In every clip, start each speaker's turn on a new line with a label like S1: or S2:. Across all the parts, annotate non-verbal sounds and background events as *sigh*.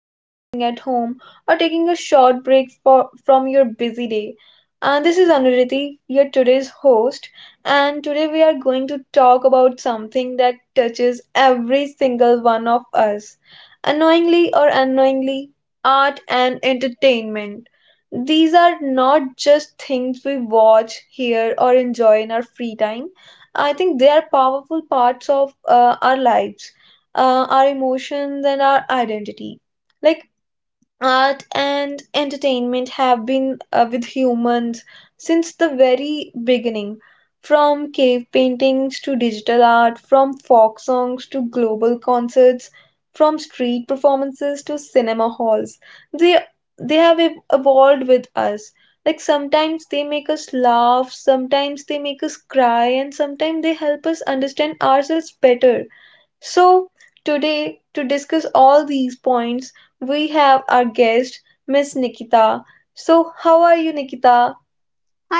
S1: relaxing at home, or taking a short break from your busy day. This is Anuriti, your today's host, and today we are going to talk about something that touches every single one of us, unknowingly or unknowingly, art and entertainment. These are not just things we watch, hear, or enjoy in our free time. I think they are powerful parts of our lives, our emotions, and our identity. Like Art and entertainment have been with humans since the very beginning. From cave paintings to digital art, from folk songs to global concerts, from street performances to cinema halls. They they have evolved with us. Like sometimes they make us laugh, sometimes they make us cry, and sometimes they help us understand ourselves better. So, today, to discuss all these points, we have our guest, Miss Nikita. So, how are you, Nikita?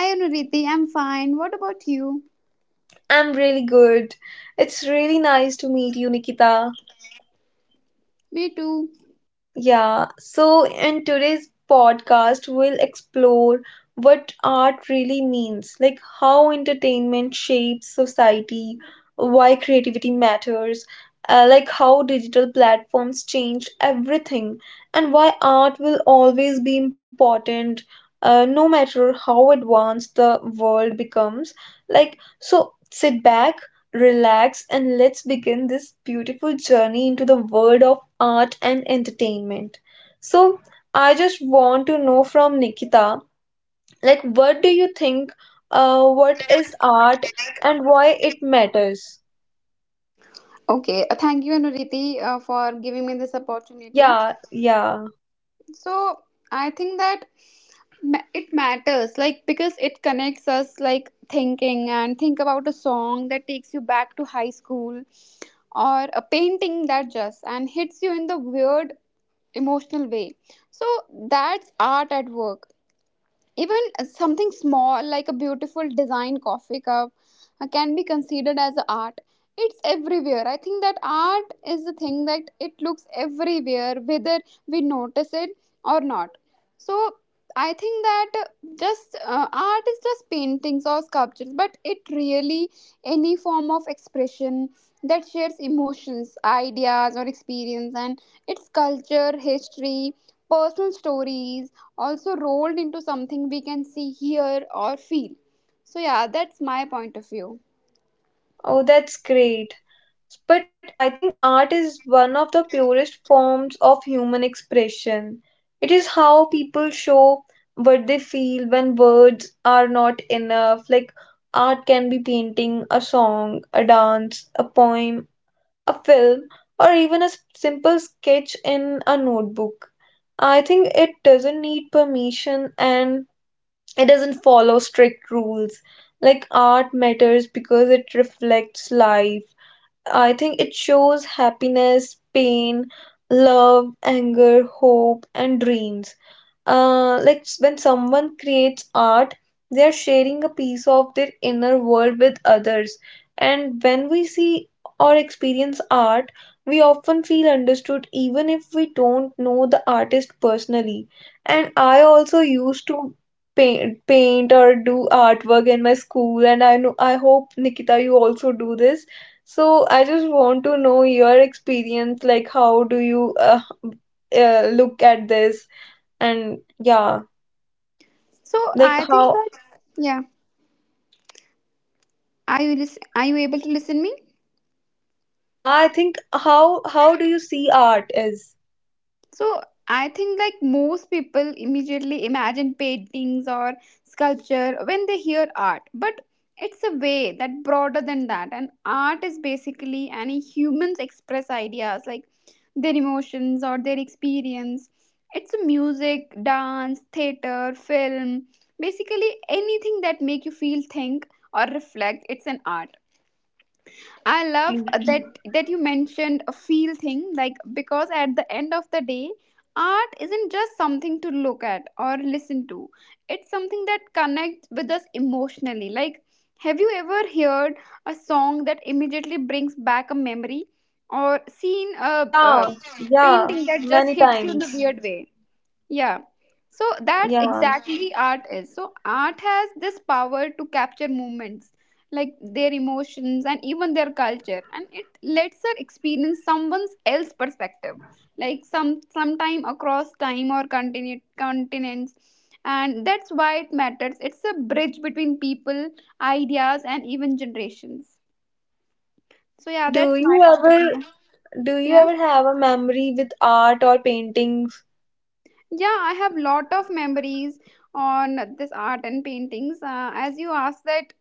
S2: Hi Anuriti, I'm fine. What about you?
S1: I'm really good. It's really nice to meet you, Nikita.
S2: Me too.
S1: Yeah, so in today's podcast, we'll explore what art really means, like how entertainment shapes society, why creativity matters, like how digital platforms change everything, and why art will always be important. No matter how advanced the world becomes, like so, sit back, relax, and let's begin this beautiful journey into the world of art and entertainment. So I just want to know from Nikita, like what do you think, what is art and why it matters?
S2: Okay, thank you Anuriti for giving me this opportunity.
S1: Yeah, yeah.
S2: So, I think that it matters like because it connects us like thinking and think about a song that takes you back to high school or a painting that just and hits you in the weird emotional way. So, that's art at work. Even something small like a beautiful design coffee cup can be considered as a art. It's everywhere. I think that art is the thing that it looks everywhere, whether we notice it or not. So I think that just art is just paintings or sculptures, but it really any form of expression that shares emotions, ideas, or experience, and its culture, history, personal stories also rolled into something we can see, hear, or feel. So yeah, that's my point of view.
S1: Oh, that's great. But I think art is one of the purest forms of human expression. It is how people show what they feel when words are not enough. Like art can be painting, a song, a dance, a poem, a film, or even a simple sketch in a notebook. I think it doesn't need permission and it doesn't follow strict rules. Like art matters because it reflects life. I think it shows happiness, pain, love, anger, hope, and dreams. Like when someone creates art, they are sharing a piece of their inner world with others. And when we see or experience art, we often feel understood even if we don't know the artist personally. And I also used to paint or do artwork in my school, and I know I hope Nikita, you also do this. So I just want to know your experience, like how do you look at this? And yeah
S2: So
S1: like
S2: I think
S1: how?
S2: that yeah, are you are you able to listen me?
S1: Yeah, I think, how do you see art is.
S2: So I think like most people immediately imagine paintings or sculpture when they hear art, but it's a way that broader than that. And art is basically any humans express ideas like their emotions or their experience. It's a music, dance, theater, film, basically anything that make you feel, think or reflect. It's an art.
S1: Yeah,
S2: I
S1: exactly.
S2: love that you mentioned a feel thing like because at the end of the day art isn't just something to look at or listen to, it's something that connects with us emotionally. Like, have you ever heard a song that immediately brings back a memory or seen a,
S1: Yeah.
S2: a
S1: Yeah,
S2: painting that just
S1: many
S2: hits you in a
S1: times.
S2: weird way? Yeah. So that's
S1: Yeah.
S2: exactly art is. So art has this power to capture moments, like their emotions and even their culture, and it lets her experience someone else's perspective, like some sometime across time or continents. And that's why it matters. It's a bridge between people, ideas, and even generations. So
S1: So
S2: yeah, that's my point of view.
S1: do you
S2: Yeah.
S1: ever have a memory with art or paintings?
S2: Yeah, I have lot of memories on this art and paintings as you asked that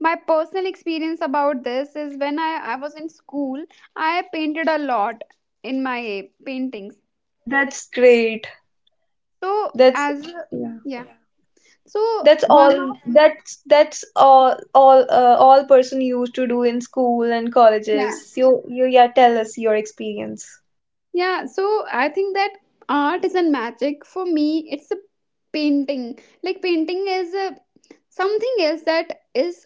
S2: my personal experience about this is when I was in school. I painted a lot in my paintings,
S1: That's great.
S2: so
S1: That's
S2: as,
S1: Yeah.
S2: yeah, so
S1: that's
S2: one of,
S1: all all all person used to do in school and
S2: yeah.
S1: colleges. You yeah tell us your experience.
S2: Yeah, so I think that art is a magic for me. It's a painting. Like painting is a, something else that is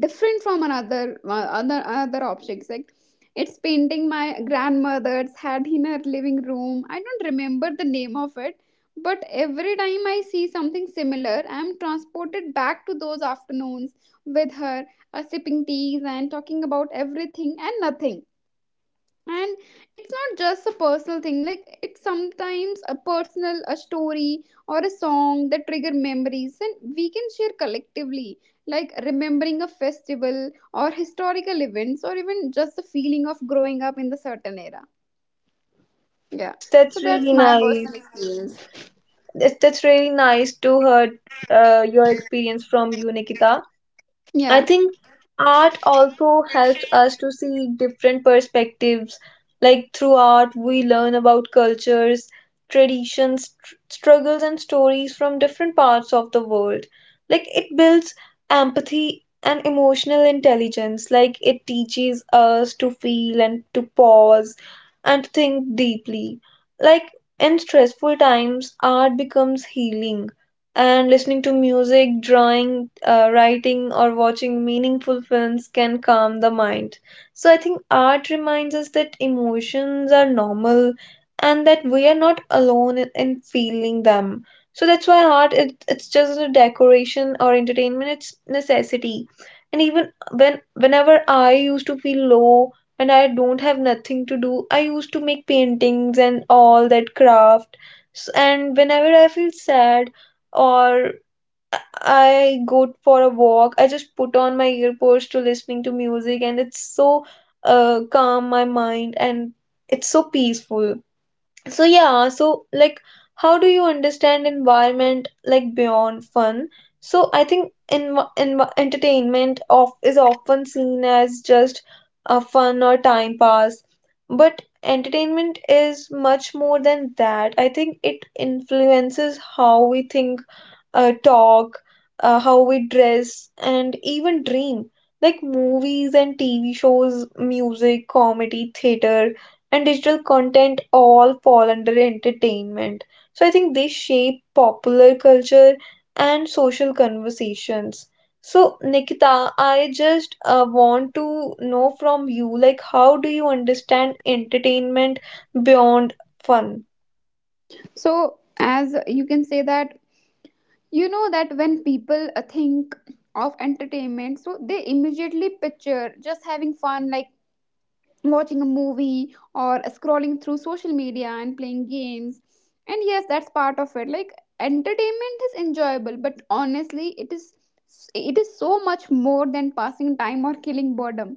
S2: different from another other objects. Like, it's painting my grandmother's had in her living room. I don't remember the name of it, but every time I see something similar, I'm transported back to those afternoons with her, sipping teas and talking about everything and nothing, and it's not just a personal thing. Like, it's sometimes a personal a story or a song that trigger memories and we can share collectively, like remembering a festival or historical events or even just the feeling of growing up in the certain era. Yeah,
S1: that's
S2: so
S1: that's
S2: that's
S1: really
S2: my personal
S1: nice.
S2: experience.
S1: That's really nice to hear your experience from you, Nikita. I
S2: Yeah,
S1: think art also helps us to see different perspectives. Like through art, we learn about cultures, traditions, struggles, and stories from different parts of the world. Like it builds empathy and emotional intelligence. Like it teaches us to feel and to pause and to think deeply. Like in stressful times, art becomes healing and listening to music, drawing, writing, or watching meaningful films can calm the mind. So I think art reminds us that emotions are normal and that we are not alone in feeling them. So that's why art it, it's just a decoration or entertainment, it's necessity. And even when whenever I used to feel low and I don't have nothing to do, I used to make paintings and all that craft. And whenever I feel sad or I go for a walk. I just put on my earbuds to listening to music and it's so calm my mind and it's so peaceful. So yeah, so like how do you understand environment like beyond fun? So I think in entertainment of is often seen as just a fun or time pass, but entertainment is much more than that. I think it influences how we think, talk, how we dress, and even dream. Like movies and TV shows, music, comedy, theater, and digital content all fall under entertainment. So I think they shape popular culture and social conversations. So, Nikita, I just want to know from you, like, how do you understand entertainment beyond fun?
S2: so as you can say that, you know that when people think of entertainment, so they immediately picture just having fun, like watching a movie or scrolling through social media and playing games. And yes, that's part of it. Like, entertainment is enjoyable, but honestly, it is so much more than passing time or killing boredom.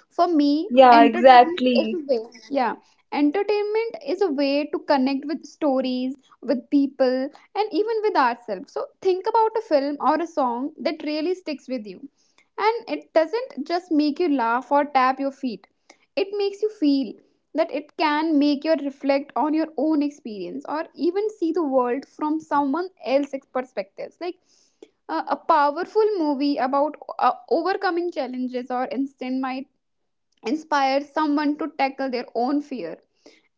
S2: For me,
S1: Yeah,
S2: entertainment is a
S1: exactly.
S2: way, yeah, entertainment is a way to connect with stories, with people, and even with ourselves. So think about a film or a song that really sticks with you, and it doesn't just make you laugh or tap your feet, it makes you feel, that it can make you reflect on your own experience or even see the world from someone else's perspectives. Like, a powerful movie about overcoming challenges or instant might inspire someone to tackle their own fear.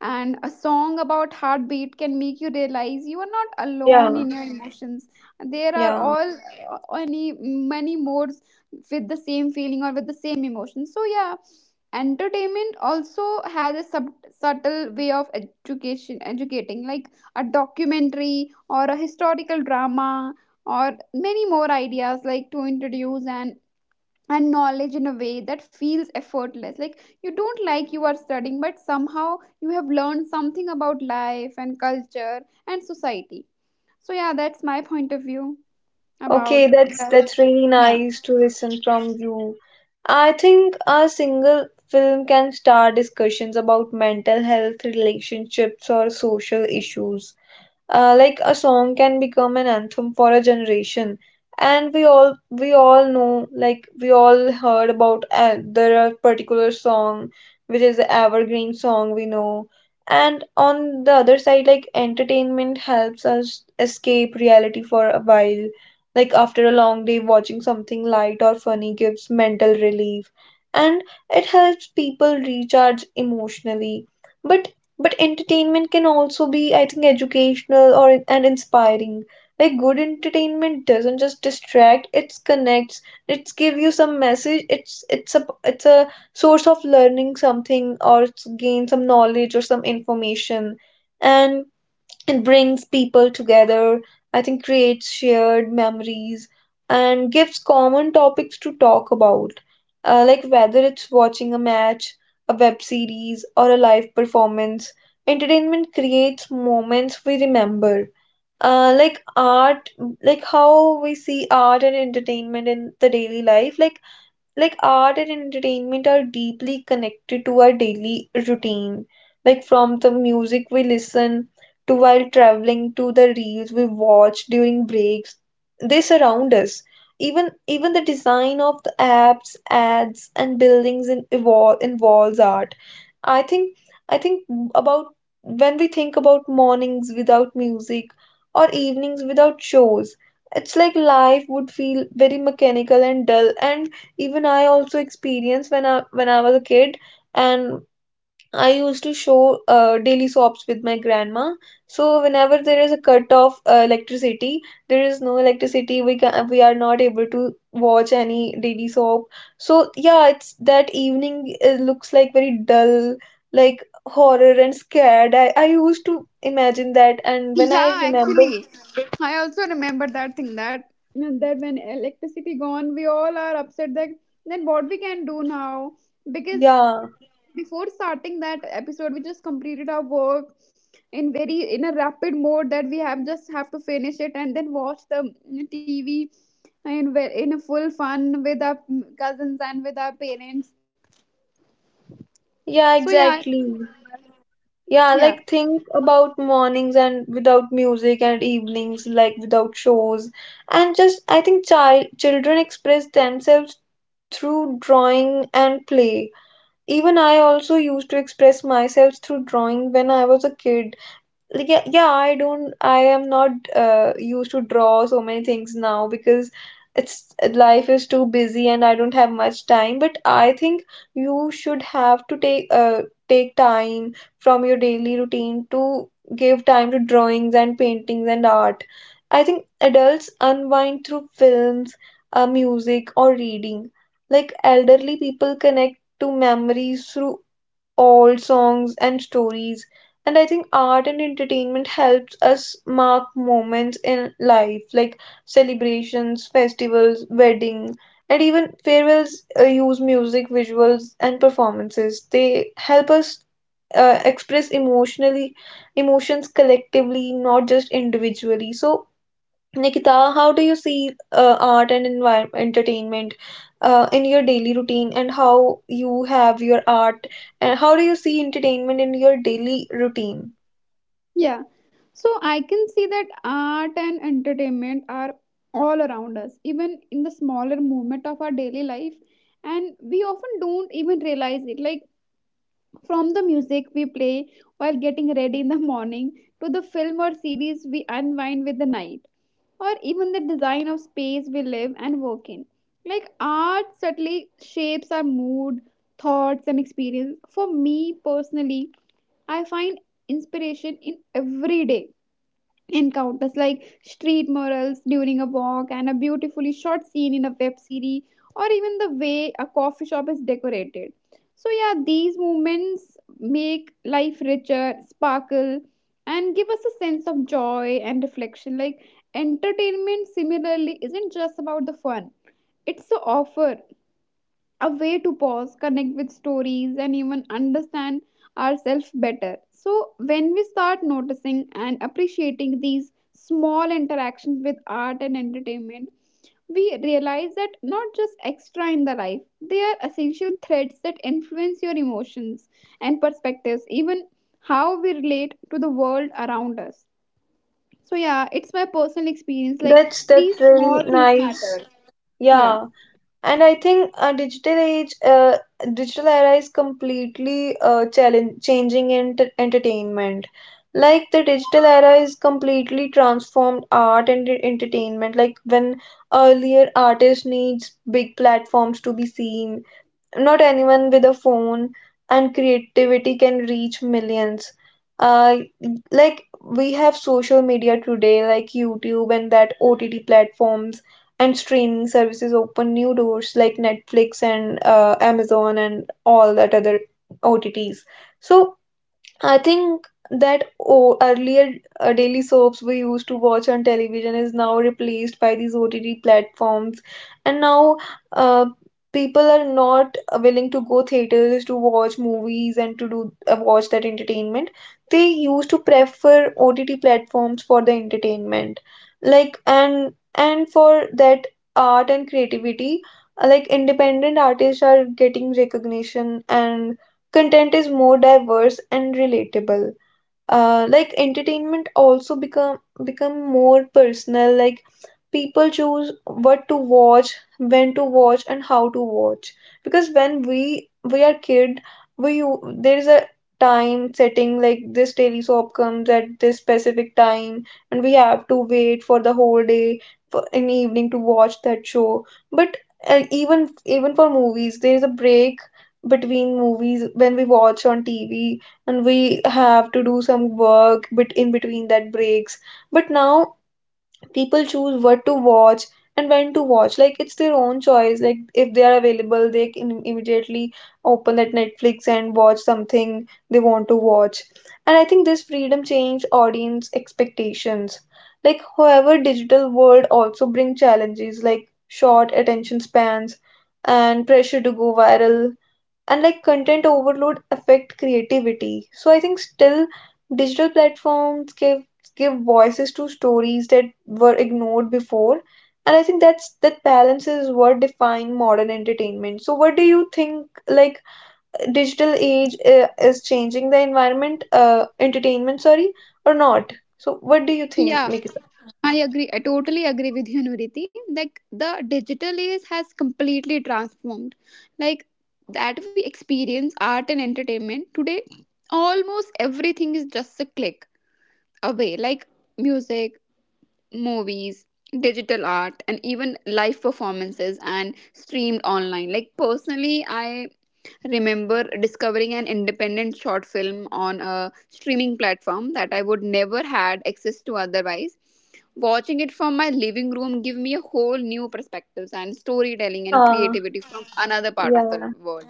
S2: And a song about heartbeat can make you realize you are not alone
S1: Yeah,
S2: in your emotions. There are
S1: yeah.
S2: all any many modes with the same feeling or with the same emotion. So yeah, entertainment also has a subtle way of education educating, like a documentary or a historical drama or many more ideas like to introduce and knowledge in a way that feels effortless. Like, you don't, like you are studying, but somehow you have learned something about life and culture and society. So yeah, that's my point of view
S1: Okay,
S2: about that.
S1: that's really
S2: Yeah.
S1: nice to listen from
S2: *laughs*
S1: you. I think a single film can start discussions about mental health, relationships, or social issues. Like a song can become an anthem for a generation, and we all know, like we all heard about there are particular song which is the evergreen song we know. And on the other side, like entertainment helps us escape reality for a while. Like after a long day, watching something light or funny gives mental relief, and it helps people recharge emotionally. But but entertainment can also be, I think, educational or and inspiring. Like good entertainment doesn't just distract, it connects, it's give you some message, it's a source of learning something or it's gain some knowledge or some information. And it brings people together, I think creates shared memories, and gives common topics to talk about. Like whether it's watching a match, a web series, or a live performance, entertainment creates moments we remember. Like art, like how we see art and entertainment in the daily life, like art and entertainment are deeply connected to our daily routine. Like from the music we listen to while traveling to the reels we watch during breaks, they surround us. Even the design of the apps, ads, and buildings in, evol involves art. I think I think about when we think about mornings without music or evenings without shows, it's like life would feel very mechanical and dull. And even I also experienced when I when I was a kid, and I used to show daily soaps with my grandma, so whenever there is a cut off electricity, there is no electricity, we are not able to watch any daily soap. So yeah, it's that evening it looks like very dull, like horror and scared, I used to imagine that. And when I
S2: Yeah,
S1: remember,
S2: actually I also remember that thing that when electricity gone, we all are upset that then what we can do now, because
S1: yeah.
S2: before starting that episode, we just completed our work in very in a rapid mode that we have just have to finish it and then watch the TV in in a full fun with our cousins and with our parents.
S1: Yeah,
S2: So yeah,
S1: exactly. Yeah,
S2: yeah,
S1: like think about mornings and without music and evenings like without shows. And just I think children express themselves through drawing and play. Even I also used to express myself through drawing when I was a kid, like, yeah. Yeah, I don't, I am not used to draw so many things now because it's life is too busy and I don't have much time. But I think you should have to take time from your daily routine to give time to drawings and paintings and art. I think adults unwind through films, music or reading. Like elderly people connect to memories through old songs and stories. And I think art and entertainment helps us mark moments in life like celebrations, festivals, weddings, and even farewells use music, visuals, and performances. They help us express emotionally emotions collectively, not just individually. So Nikita, how do you see art and entertainment in your daily routine, and how you have your art, and how do you see entertainment in your daily routine?
S2: yeah. So I can see that art and entertainment are all around us, even in the smaller moment of our daily life, and we often don't even realize it. Like, from the music we play while getting ready in the morning to the film or series we unwind with the night, or even the design of space we live and work in. Like, art subtly shapes our mood, thoughts, and experience. For me personally, I find inspiration in everyday encounters like street murals during a walk and a beautifully shot scene in a web series or even the way a coffee shop is decorated. So yeah, these moments make life richer sparkle and give us a sense of joy and reflection. Like, entertainment similarly isn't just about the fun, it's the offer a way to pause, connect with stories, and even understand ourselves better. So, when we start noticing and appreciating these small interactions with art and entertainment, we realize that not just extra in the life, they are essential threads that influence your emotions and perspectives, even how we relate to the world around us. So, yeah, it's my personal experience. Like,
S1: That's
S2: these
S1: really
S2: small things matter.
S1: nice.
S2: Yeah.
S1: Yeah. And I think digital era is completely challenge changing entertainment. Like the digital era is completely transformed art and entertainment. Like when earlier artists needs big platforms to be seen, not anyone with a phone and creativity can reach millions. Uh, like we have social media today, like YouTube and that OTT platforms and streaming services open new doors like Netflix and Amazon and all that other OTTs. So I think that oh, earlier daily soaps we used to watch on television is now replaced by these OTT platforms, and now uh, people are not willing to go theaters to watch movies and to do watch that entertainment. They used to prefer OTT platforms for the entertainment, like and for that art and creativity. Like independent artists are getting recognition and content is more diverse and relatable, like entertainment also become more personal. Like people choose what to watch, when to watch, and how to watch, because when we are kid, there is a time setting like this daily soap comes at this specific time and we have to wait for the whole day for an evening to watch that show. But even for movies there is a break between movies when we watch on tv, and we have to do some work bit in between that breaks. But now people choose what to watch and when to watch, like it's their own choice. Like if they are available, they can immediately open that netflix and watch something they want to watch. And I think this freedom changed audience expectations. Like however, digital world also bring challenges like short attention spans and pressure to go viral and like content overload affect creativity. So I think still digital platforms give voices to stories that were ignored before. And I think that balance is what define modern entertainment. So what do you think, like digital age is changing the environment, entertainment, sorry, or not? So what do you think,
S2: Yeah.
S1: nikita?
S2: I agree. I totally agree with you, Nuriti. Like, the digital age has completely transformed. Like, that we experience art and entertainment today. Almost everything is just a click away. Like, music, movies, digital art, and even live performances and streamed online. Like personally, I remember discovering an independent short film on a streaming platform that I would never had access to otherwise. Watching it from my living room gave me a whole new perspectives and storytelling and
S1: Yeah.
S2: creativity from another part of
S1: Yeah.
S2: the world.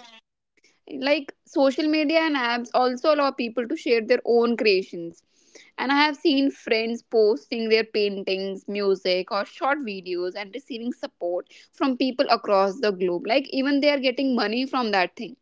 S2: Like, social media and apps also allow people to share their own creations. And I have seen friends posting their paintings, music, or short videos and receiving support from people across the globe. Like, even they are getting money from that thing,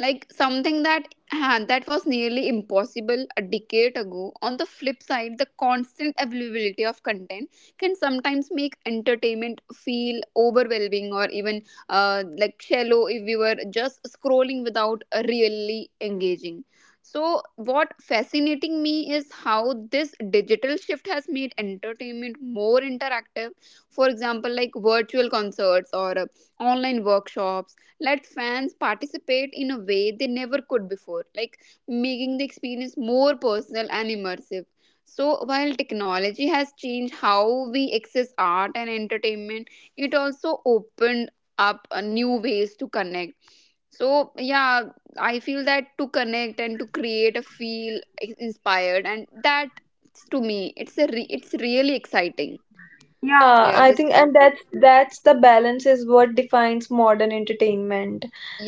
S2: like something that, ah, that was nearly impossible a decade ago. On the flip side, the constant availability of content can sometimes make entertainment feel overwhelming or even like shallow if we were just scrolling without really engaging. So what fascinating me is how this digital shift has made entertainment more interactive. For example, like virtual concerts or online workshops let fans participate in a way they never could before, like making the experience more personal and immersive. So, while technology has changed how we access art and entertainment, it also opened up new ways to connect. So, yeah, I feel that to connect and to create a feel inspired, and that to me, it's a it's really exciting. So,
S1: Yeah,
S2: yeah,
S1: I
S2: this is
S1: think,
S2: my
S1: and
S2: point
S1: that's
S2: of view.
S1: that's the balance is what defines modern entertainment.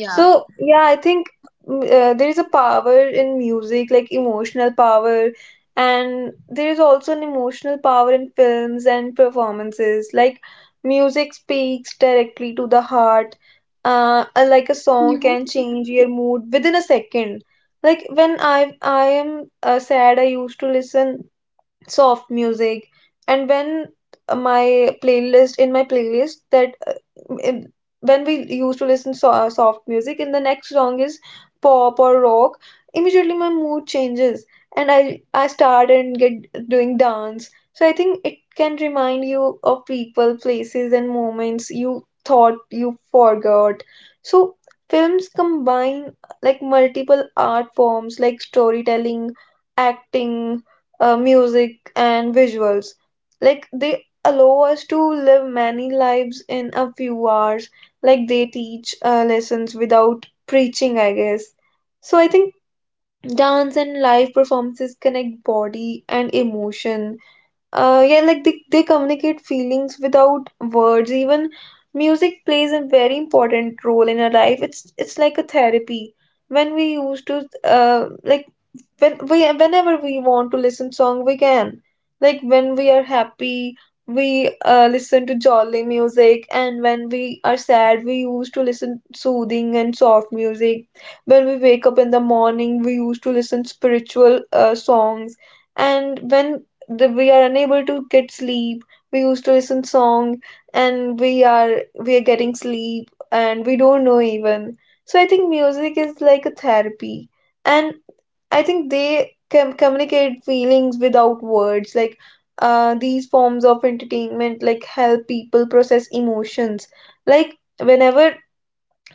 S1: So yeah, I think there is a power in music, like emotional power, and there is also an emotional power in films and performances. Like music speaks directly to the heart, like a song
S2: Yeah.
S1: can change your mood within a second. Like when I am sad, I used to listen soft music. And when my playlist that in, when we used to listen so, soft music, and the next song is pop or rock, immediately my mood changes. And I start and get doing dance. So I think it can remind you of people, places, and moments you thought you forgot. So films combine, like multiple art forms like storytelling, acting, music, and visuals. Like they allow us to live many lives in a few hours. Like they teach lessons without preaching, I guess. So I think dance and live performances connect body and emotion. Yeah, like they communicate feelings without words. Even music plays a very important role in our life. It's like a therapy. When we used to like when we, whenever we want to listen song we can, like when we are happy we listen to jolly music, and when we are sad we used to listen soothing and soft music. When we wake up in the morning we used to listen spiritual songs. And when we are unable to get sleep, we used to listen song, and we are getting sleep and we don't know even. So I think music is like a therapy. And I think they communicate feelings without words. Like these forms of entertainment, like help people process emotions. Like whenever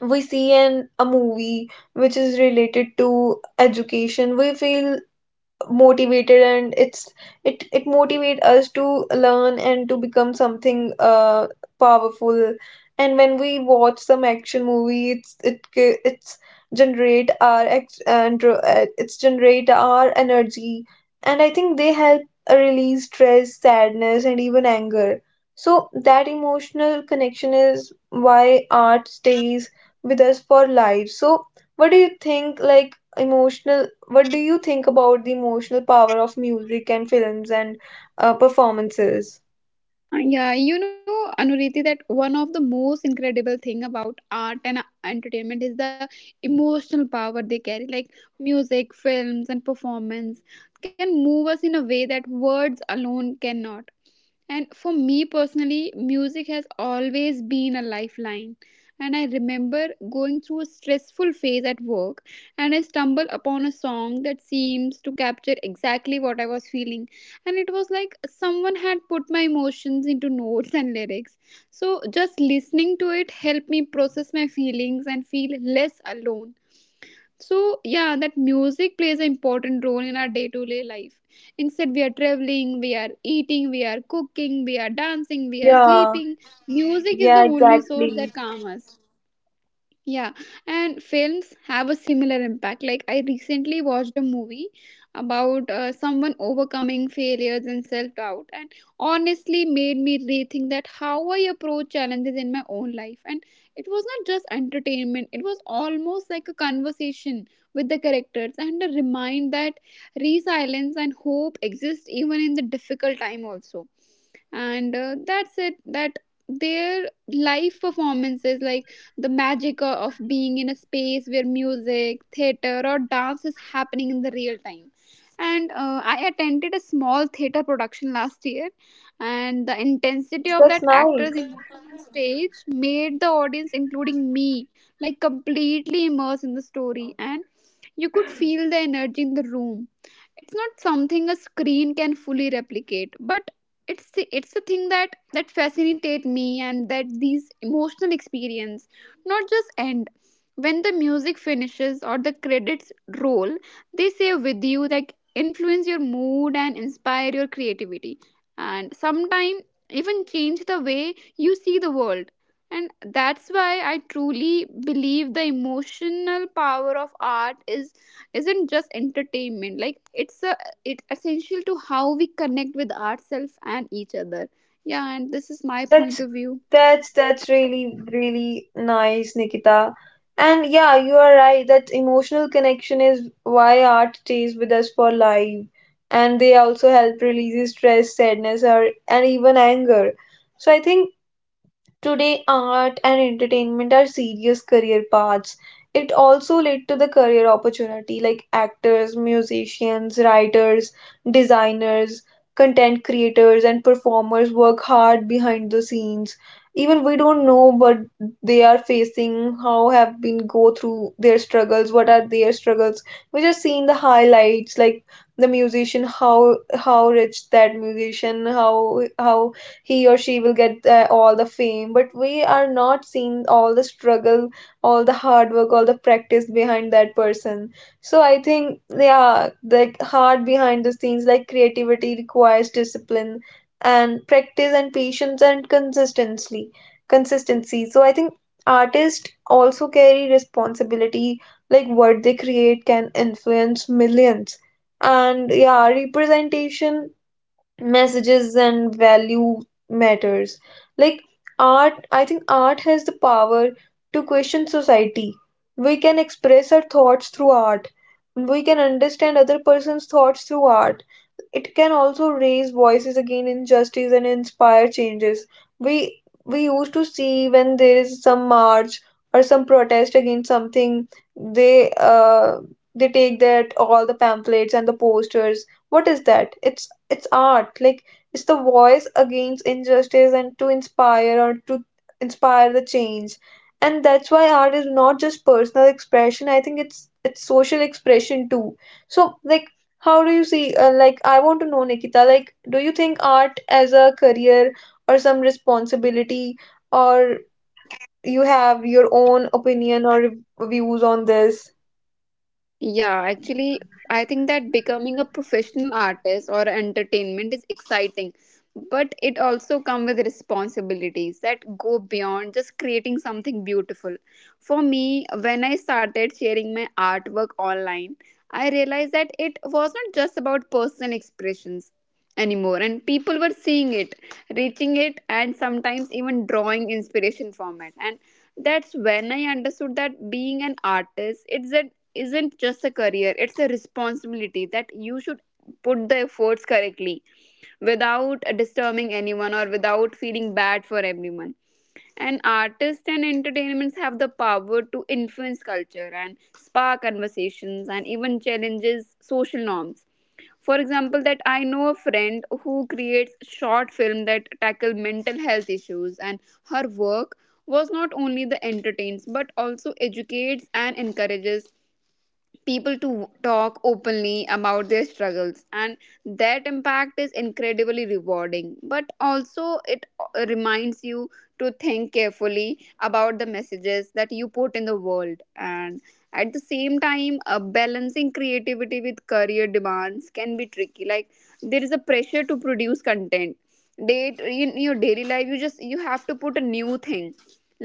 S1: we see an a movie which is related to education, we feel motivated, and it motivate us to learn and to become something powerful. And when we watch some action movie, generate our ex- and uh, it's generate our energy. And I think they help release stress, sadness, and even anger. So that emotional connection is why art stays with us for life. So what do you think, like emotional, what do you think about the emotional power of music and films and performances?
S2: Yeah, you know, Anuriti, that one of the most incredible thing about art and entertainment is the emotional power they carry. Like, music, films, and performance can move us in a way that words alone cannot. And for me personally, music has always been a lifeline. And I remember going through a stressful phase at work, and I stumbled upon a song that seems to capture exactly what I was feeling. And it was like someone had put my emotions into notes and lyrics. So just listening to it helped me process my feelings and feel less alone. So yeah, that music plays an important role in our day to day life. Instead, we are traveling, we are eating, we are cooking, we are dancing, we are
S1: Yeah,
S2: sleeping, music is the
S1: yeah,
S2: only source
S1: exactly.
S2: that calms us. Yeah, and films have a similar impact. Like, I recently watched a movie about someone overcoming failures and self doubt, and honestly made me rethink that how I approach challenges in my own life. And it was not just entertainment, it was almost like a conversation with the characters and a remind that resilience and hope exist even in the difficult time, also. And that's it, that their live performances, like the magic of being in a space where music, theater, or dance is happening in the real time. And I attended a small theater production last year, and the intensity of
S1: That's
S2: that actor's
S1: nice.
S2: emotion on stage made the audience, including me, like completely immersed in the story. And you could feel the energy in the room. It's not something a screen can fully replicate, but it's the thing that fascinate me and that these emotional experience not just end when the music finishes or the credits roll. They stay with you, like influence your mood and inspire your creativity, and sometimes even change the way you see the world. And that's why I truly believe the emotional power of art is isn't just entertainment, like it's a it's essential to how we connect with ourselves and each other. Yeah, and this is my point
S1: That's
S2: of view.
S1: that's that's really really nice, Nikita. And yeah, you are right. That emotional connection is why art stays with us for life. And they also help release stress, sadness, or and even anger. So I think today, art and entertainment are serious career paths. It also led to the career opportunity like actors, musicians, writers, designers, content creators, and performers work hard behind the scenes. Even we don't know what they are facing, how have been go through their struggles, what are their struggles. We just seen the highlights, like the musician, how rich that musician, how he or she will get all the fame, but we are not seeing all the struggle, all the hard work, all the practice behind that person. So I think yeah, the hard behind the scenes, like creativity requires discipline and practice and patience and consistency, so I think artists also carry responsibility. Like what they create can influence millions. And yeah, representation, messages, and value matters. Like art, I think art has the power to question society. We can express our thoughts through art. We can understand other person's thoughts through art. It can also raise voices against injustice and inspire changes. We used to see, when there is some march or some protest against something, they uh, they take that all the pamphlets and the posters. What is that? It's art. Like it's the voice against injustice and to inspire or to inspire the change. And that's why art is not just personal expression. I think it's social expression too. So like how do you see, like, I want to know, Nikita, like, do you think art as a career or some responsibility, or you have your own opinion or views on this?
S2: Yeah, actually, I think that becoming a professional artist or entertainment is exciting, but it also comes with responsibilities that go beyond just creating something beautiful. For me, when I started sharing my artwork online, I realized that it was not just about personal expressions anymore, and people were seeing it, reaching it, and sometimes even drawing inspiration from it. And that's when I understood that being an artist, it's a isn't just a career, it's a responsibility that you should put the efforts correctly without disturbing anyone or without feeling bad for everyone. And artists and entertainments have the power to influence culture and spark conversations and even challenges social norms. For example, that I know a friend who creates short film that tackle mental health issues, and her work was not only the entertains but also educates and encourages people to talk openly about their struggles. And that impact is incredibly rewarding, but also it reminds you to think carefully about the messages that you put in the world. And at the same time, balancing creativity with career demands can be tricky, like there is a pressure to produce content date in your daily life. You just you have to put a new thing,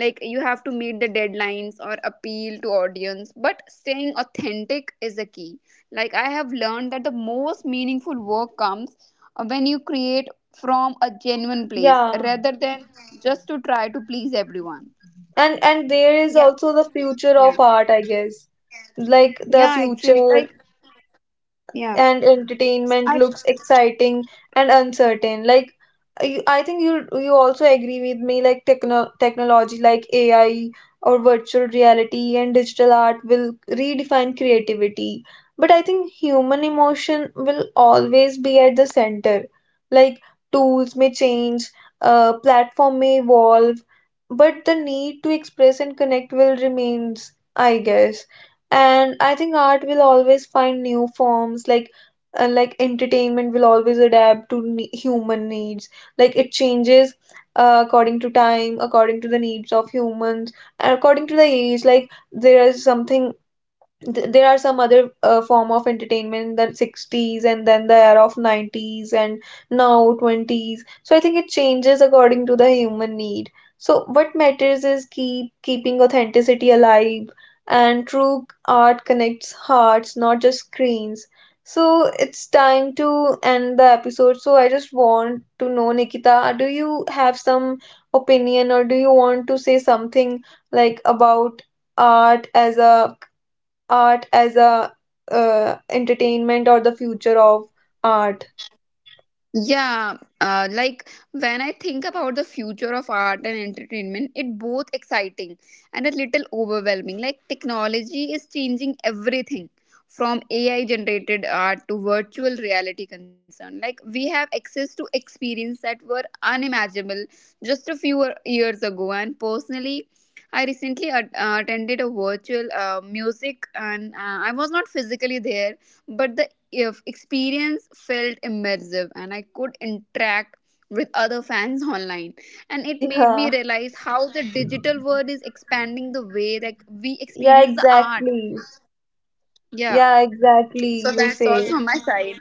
S2: like you have to meet the deadlines or appeal to audience, but staying authentic is the key. Like I have learned that the most meaningful work comes when you create from a genuine place
S1: Yeah.
S2: rather than just to try to please everyone.
S1: And there is
S2: Yeah
S1: also
S2: so
S1: the future
S2: yeah
S1: of art, I guess. Like the
S2: yeah actually
S1: future
S2: like yeah
S1: and entertainment
S2: I.
S1: looks exciting and uncertain. Like I think you also agree with me, like technology like AI or virtual reality and digital art will redefine creativity. But I think human emotion will always be at the center. Like tools may change, platform may evolve, but the need to express and connect will remains, I guess. And I think art will always find new forms. Like like entertainment will always adapt to human needs. Like it changes according to time, according to the needs of humans, and according to the age. Like there is something, there are some other form of entertainment in the 60s and then the era of 90s and now 20s. So I think it changes according to the human need. So what matters is keeping authenticity alive, and true art connects hearts, not just screens. So it's time to end the episode. So I just want to know, nikita, do you have some opinion or do you want to say something like about art as a, art as a, entertainment or the future of art?
S2: Yeah, like when I think about the future of art and entertainment, it both exciting and a little overwhelming. Like technology is changing everything from AI generated art to virtual reality concern. Like we have access to experience that were unimaginable just a few years ago. And personally, I recently attended a virtual music and I was not physically there, but the if experience felt immersive and I could interact with other fans *laughs* online. And it made me
S1: Yeah,
S2: realize how the digital world is expanding the way that we
S1: yeah,
S2: experience the art.
S1: exactly.
S2: Yeah,
S1: Yeah, exactly.
S2: so
S1: You
S2: that's
S1: say.
S2: also on my side.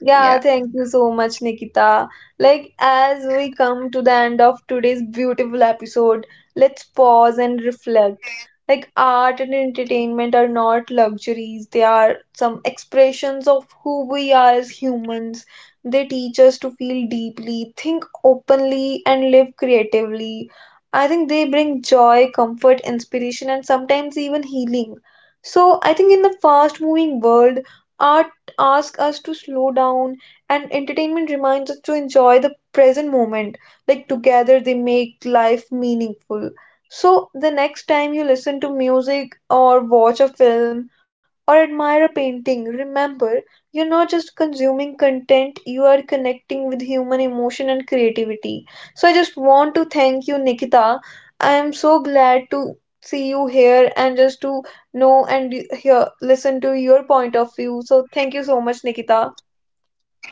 S1: Yeah,
S2: Yeah,
S1: thank you so much, Nikita. Like, as we come to the end of today's beautiful episode, let's pause and reflect. Like, art and entertainment are not luxuries, they are some expressions of who we are as humans. They teach us to feel deeply, think openly, and live creatively. I think they bring joy, comfort, inspiration, and sometimes even healing. So, I think in the fast moving world, art asks us to slow down, and entertainment reminds us to enjoy the present moment. Like, together, they make life meaningful. So, the next time you listen to music, or watch a film, or admire a painting, remember you're not just consuming content, you are connecting with human emotion and creativity. So, I just want to thank you, Nikita. I am so glad to see you here and just to no, and here, listen to your point of view. So thank you so much, Nikita.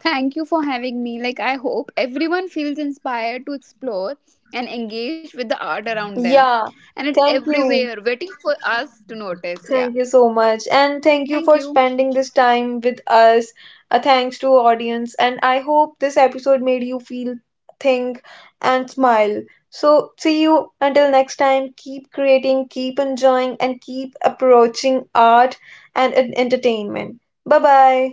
S2: thank you for having me. Like I hope everyone feels inspired to explore and engage with the art around them,
S1: Yeah,
S2: and it's
S1: thank you.
S2: everywhere waiting for us to notice. Yeah,
S1: Thank you so
S2: thank
S1: much.
S2: you.
S1: And thank you for spending this time with us. A thanks to audience. And I hope this episode made you feel, think, and smile. So see you until next time. Keep creating, keep enjoying, and keep approaching art and entertainment. Bye bye.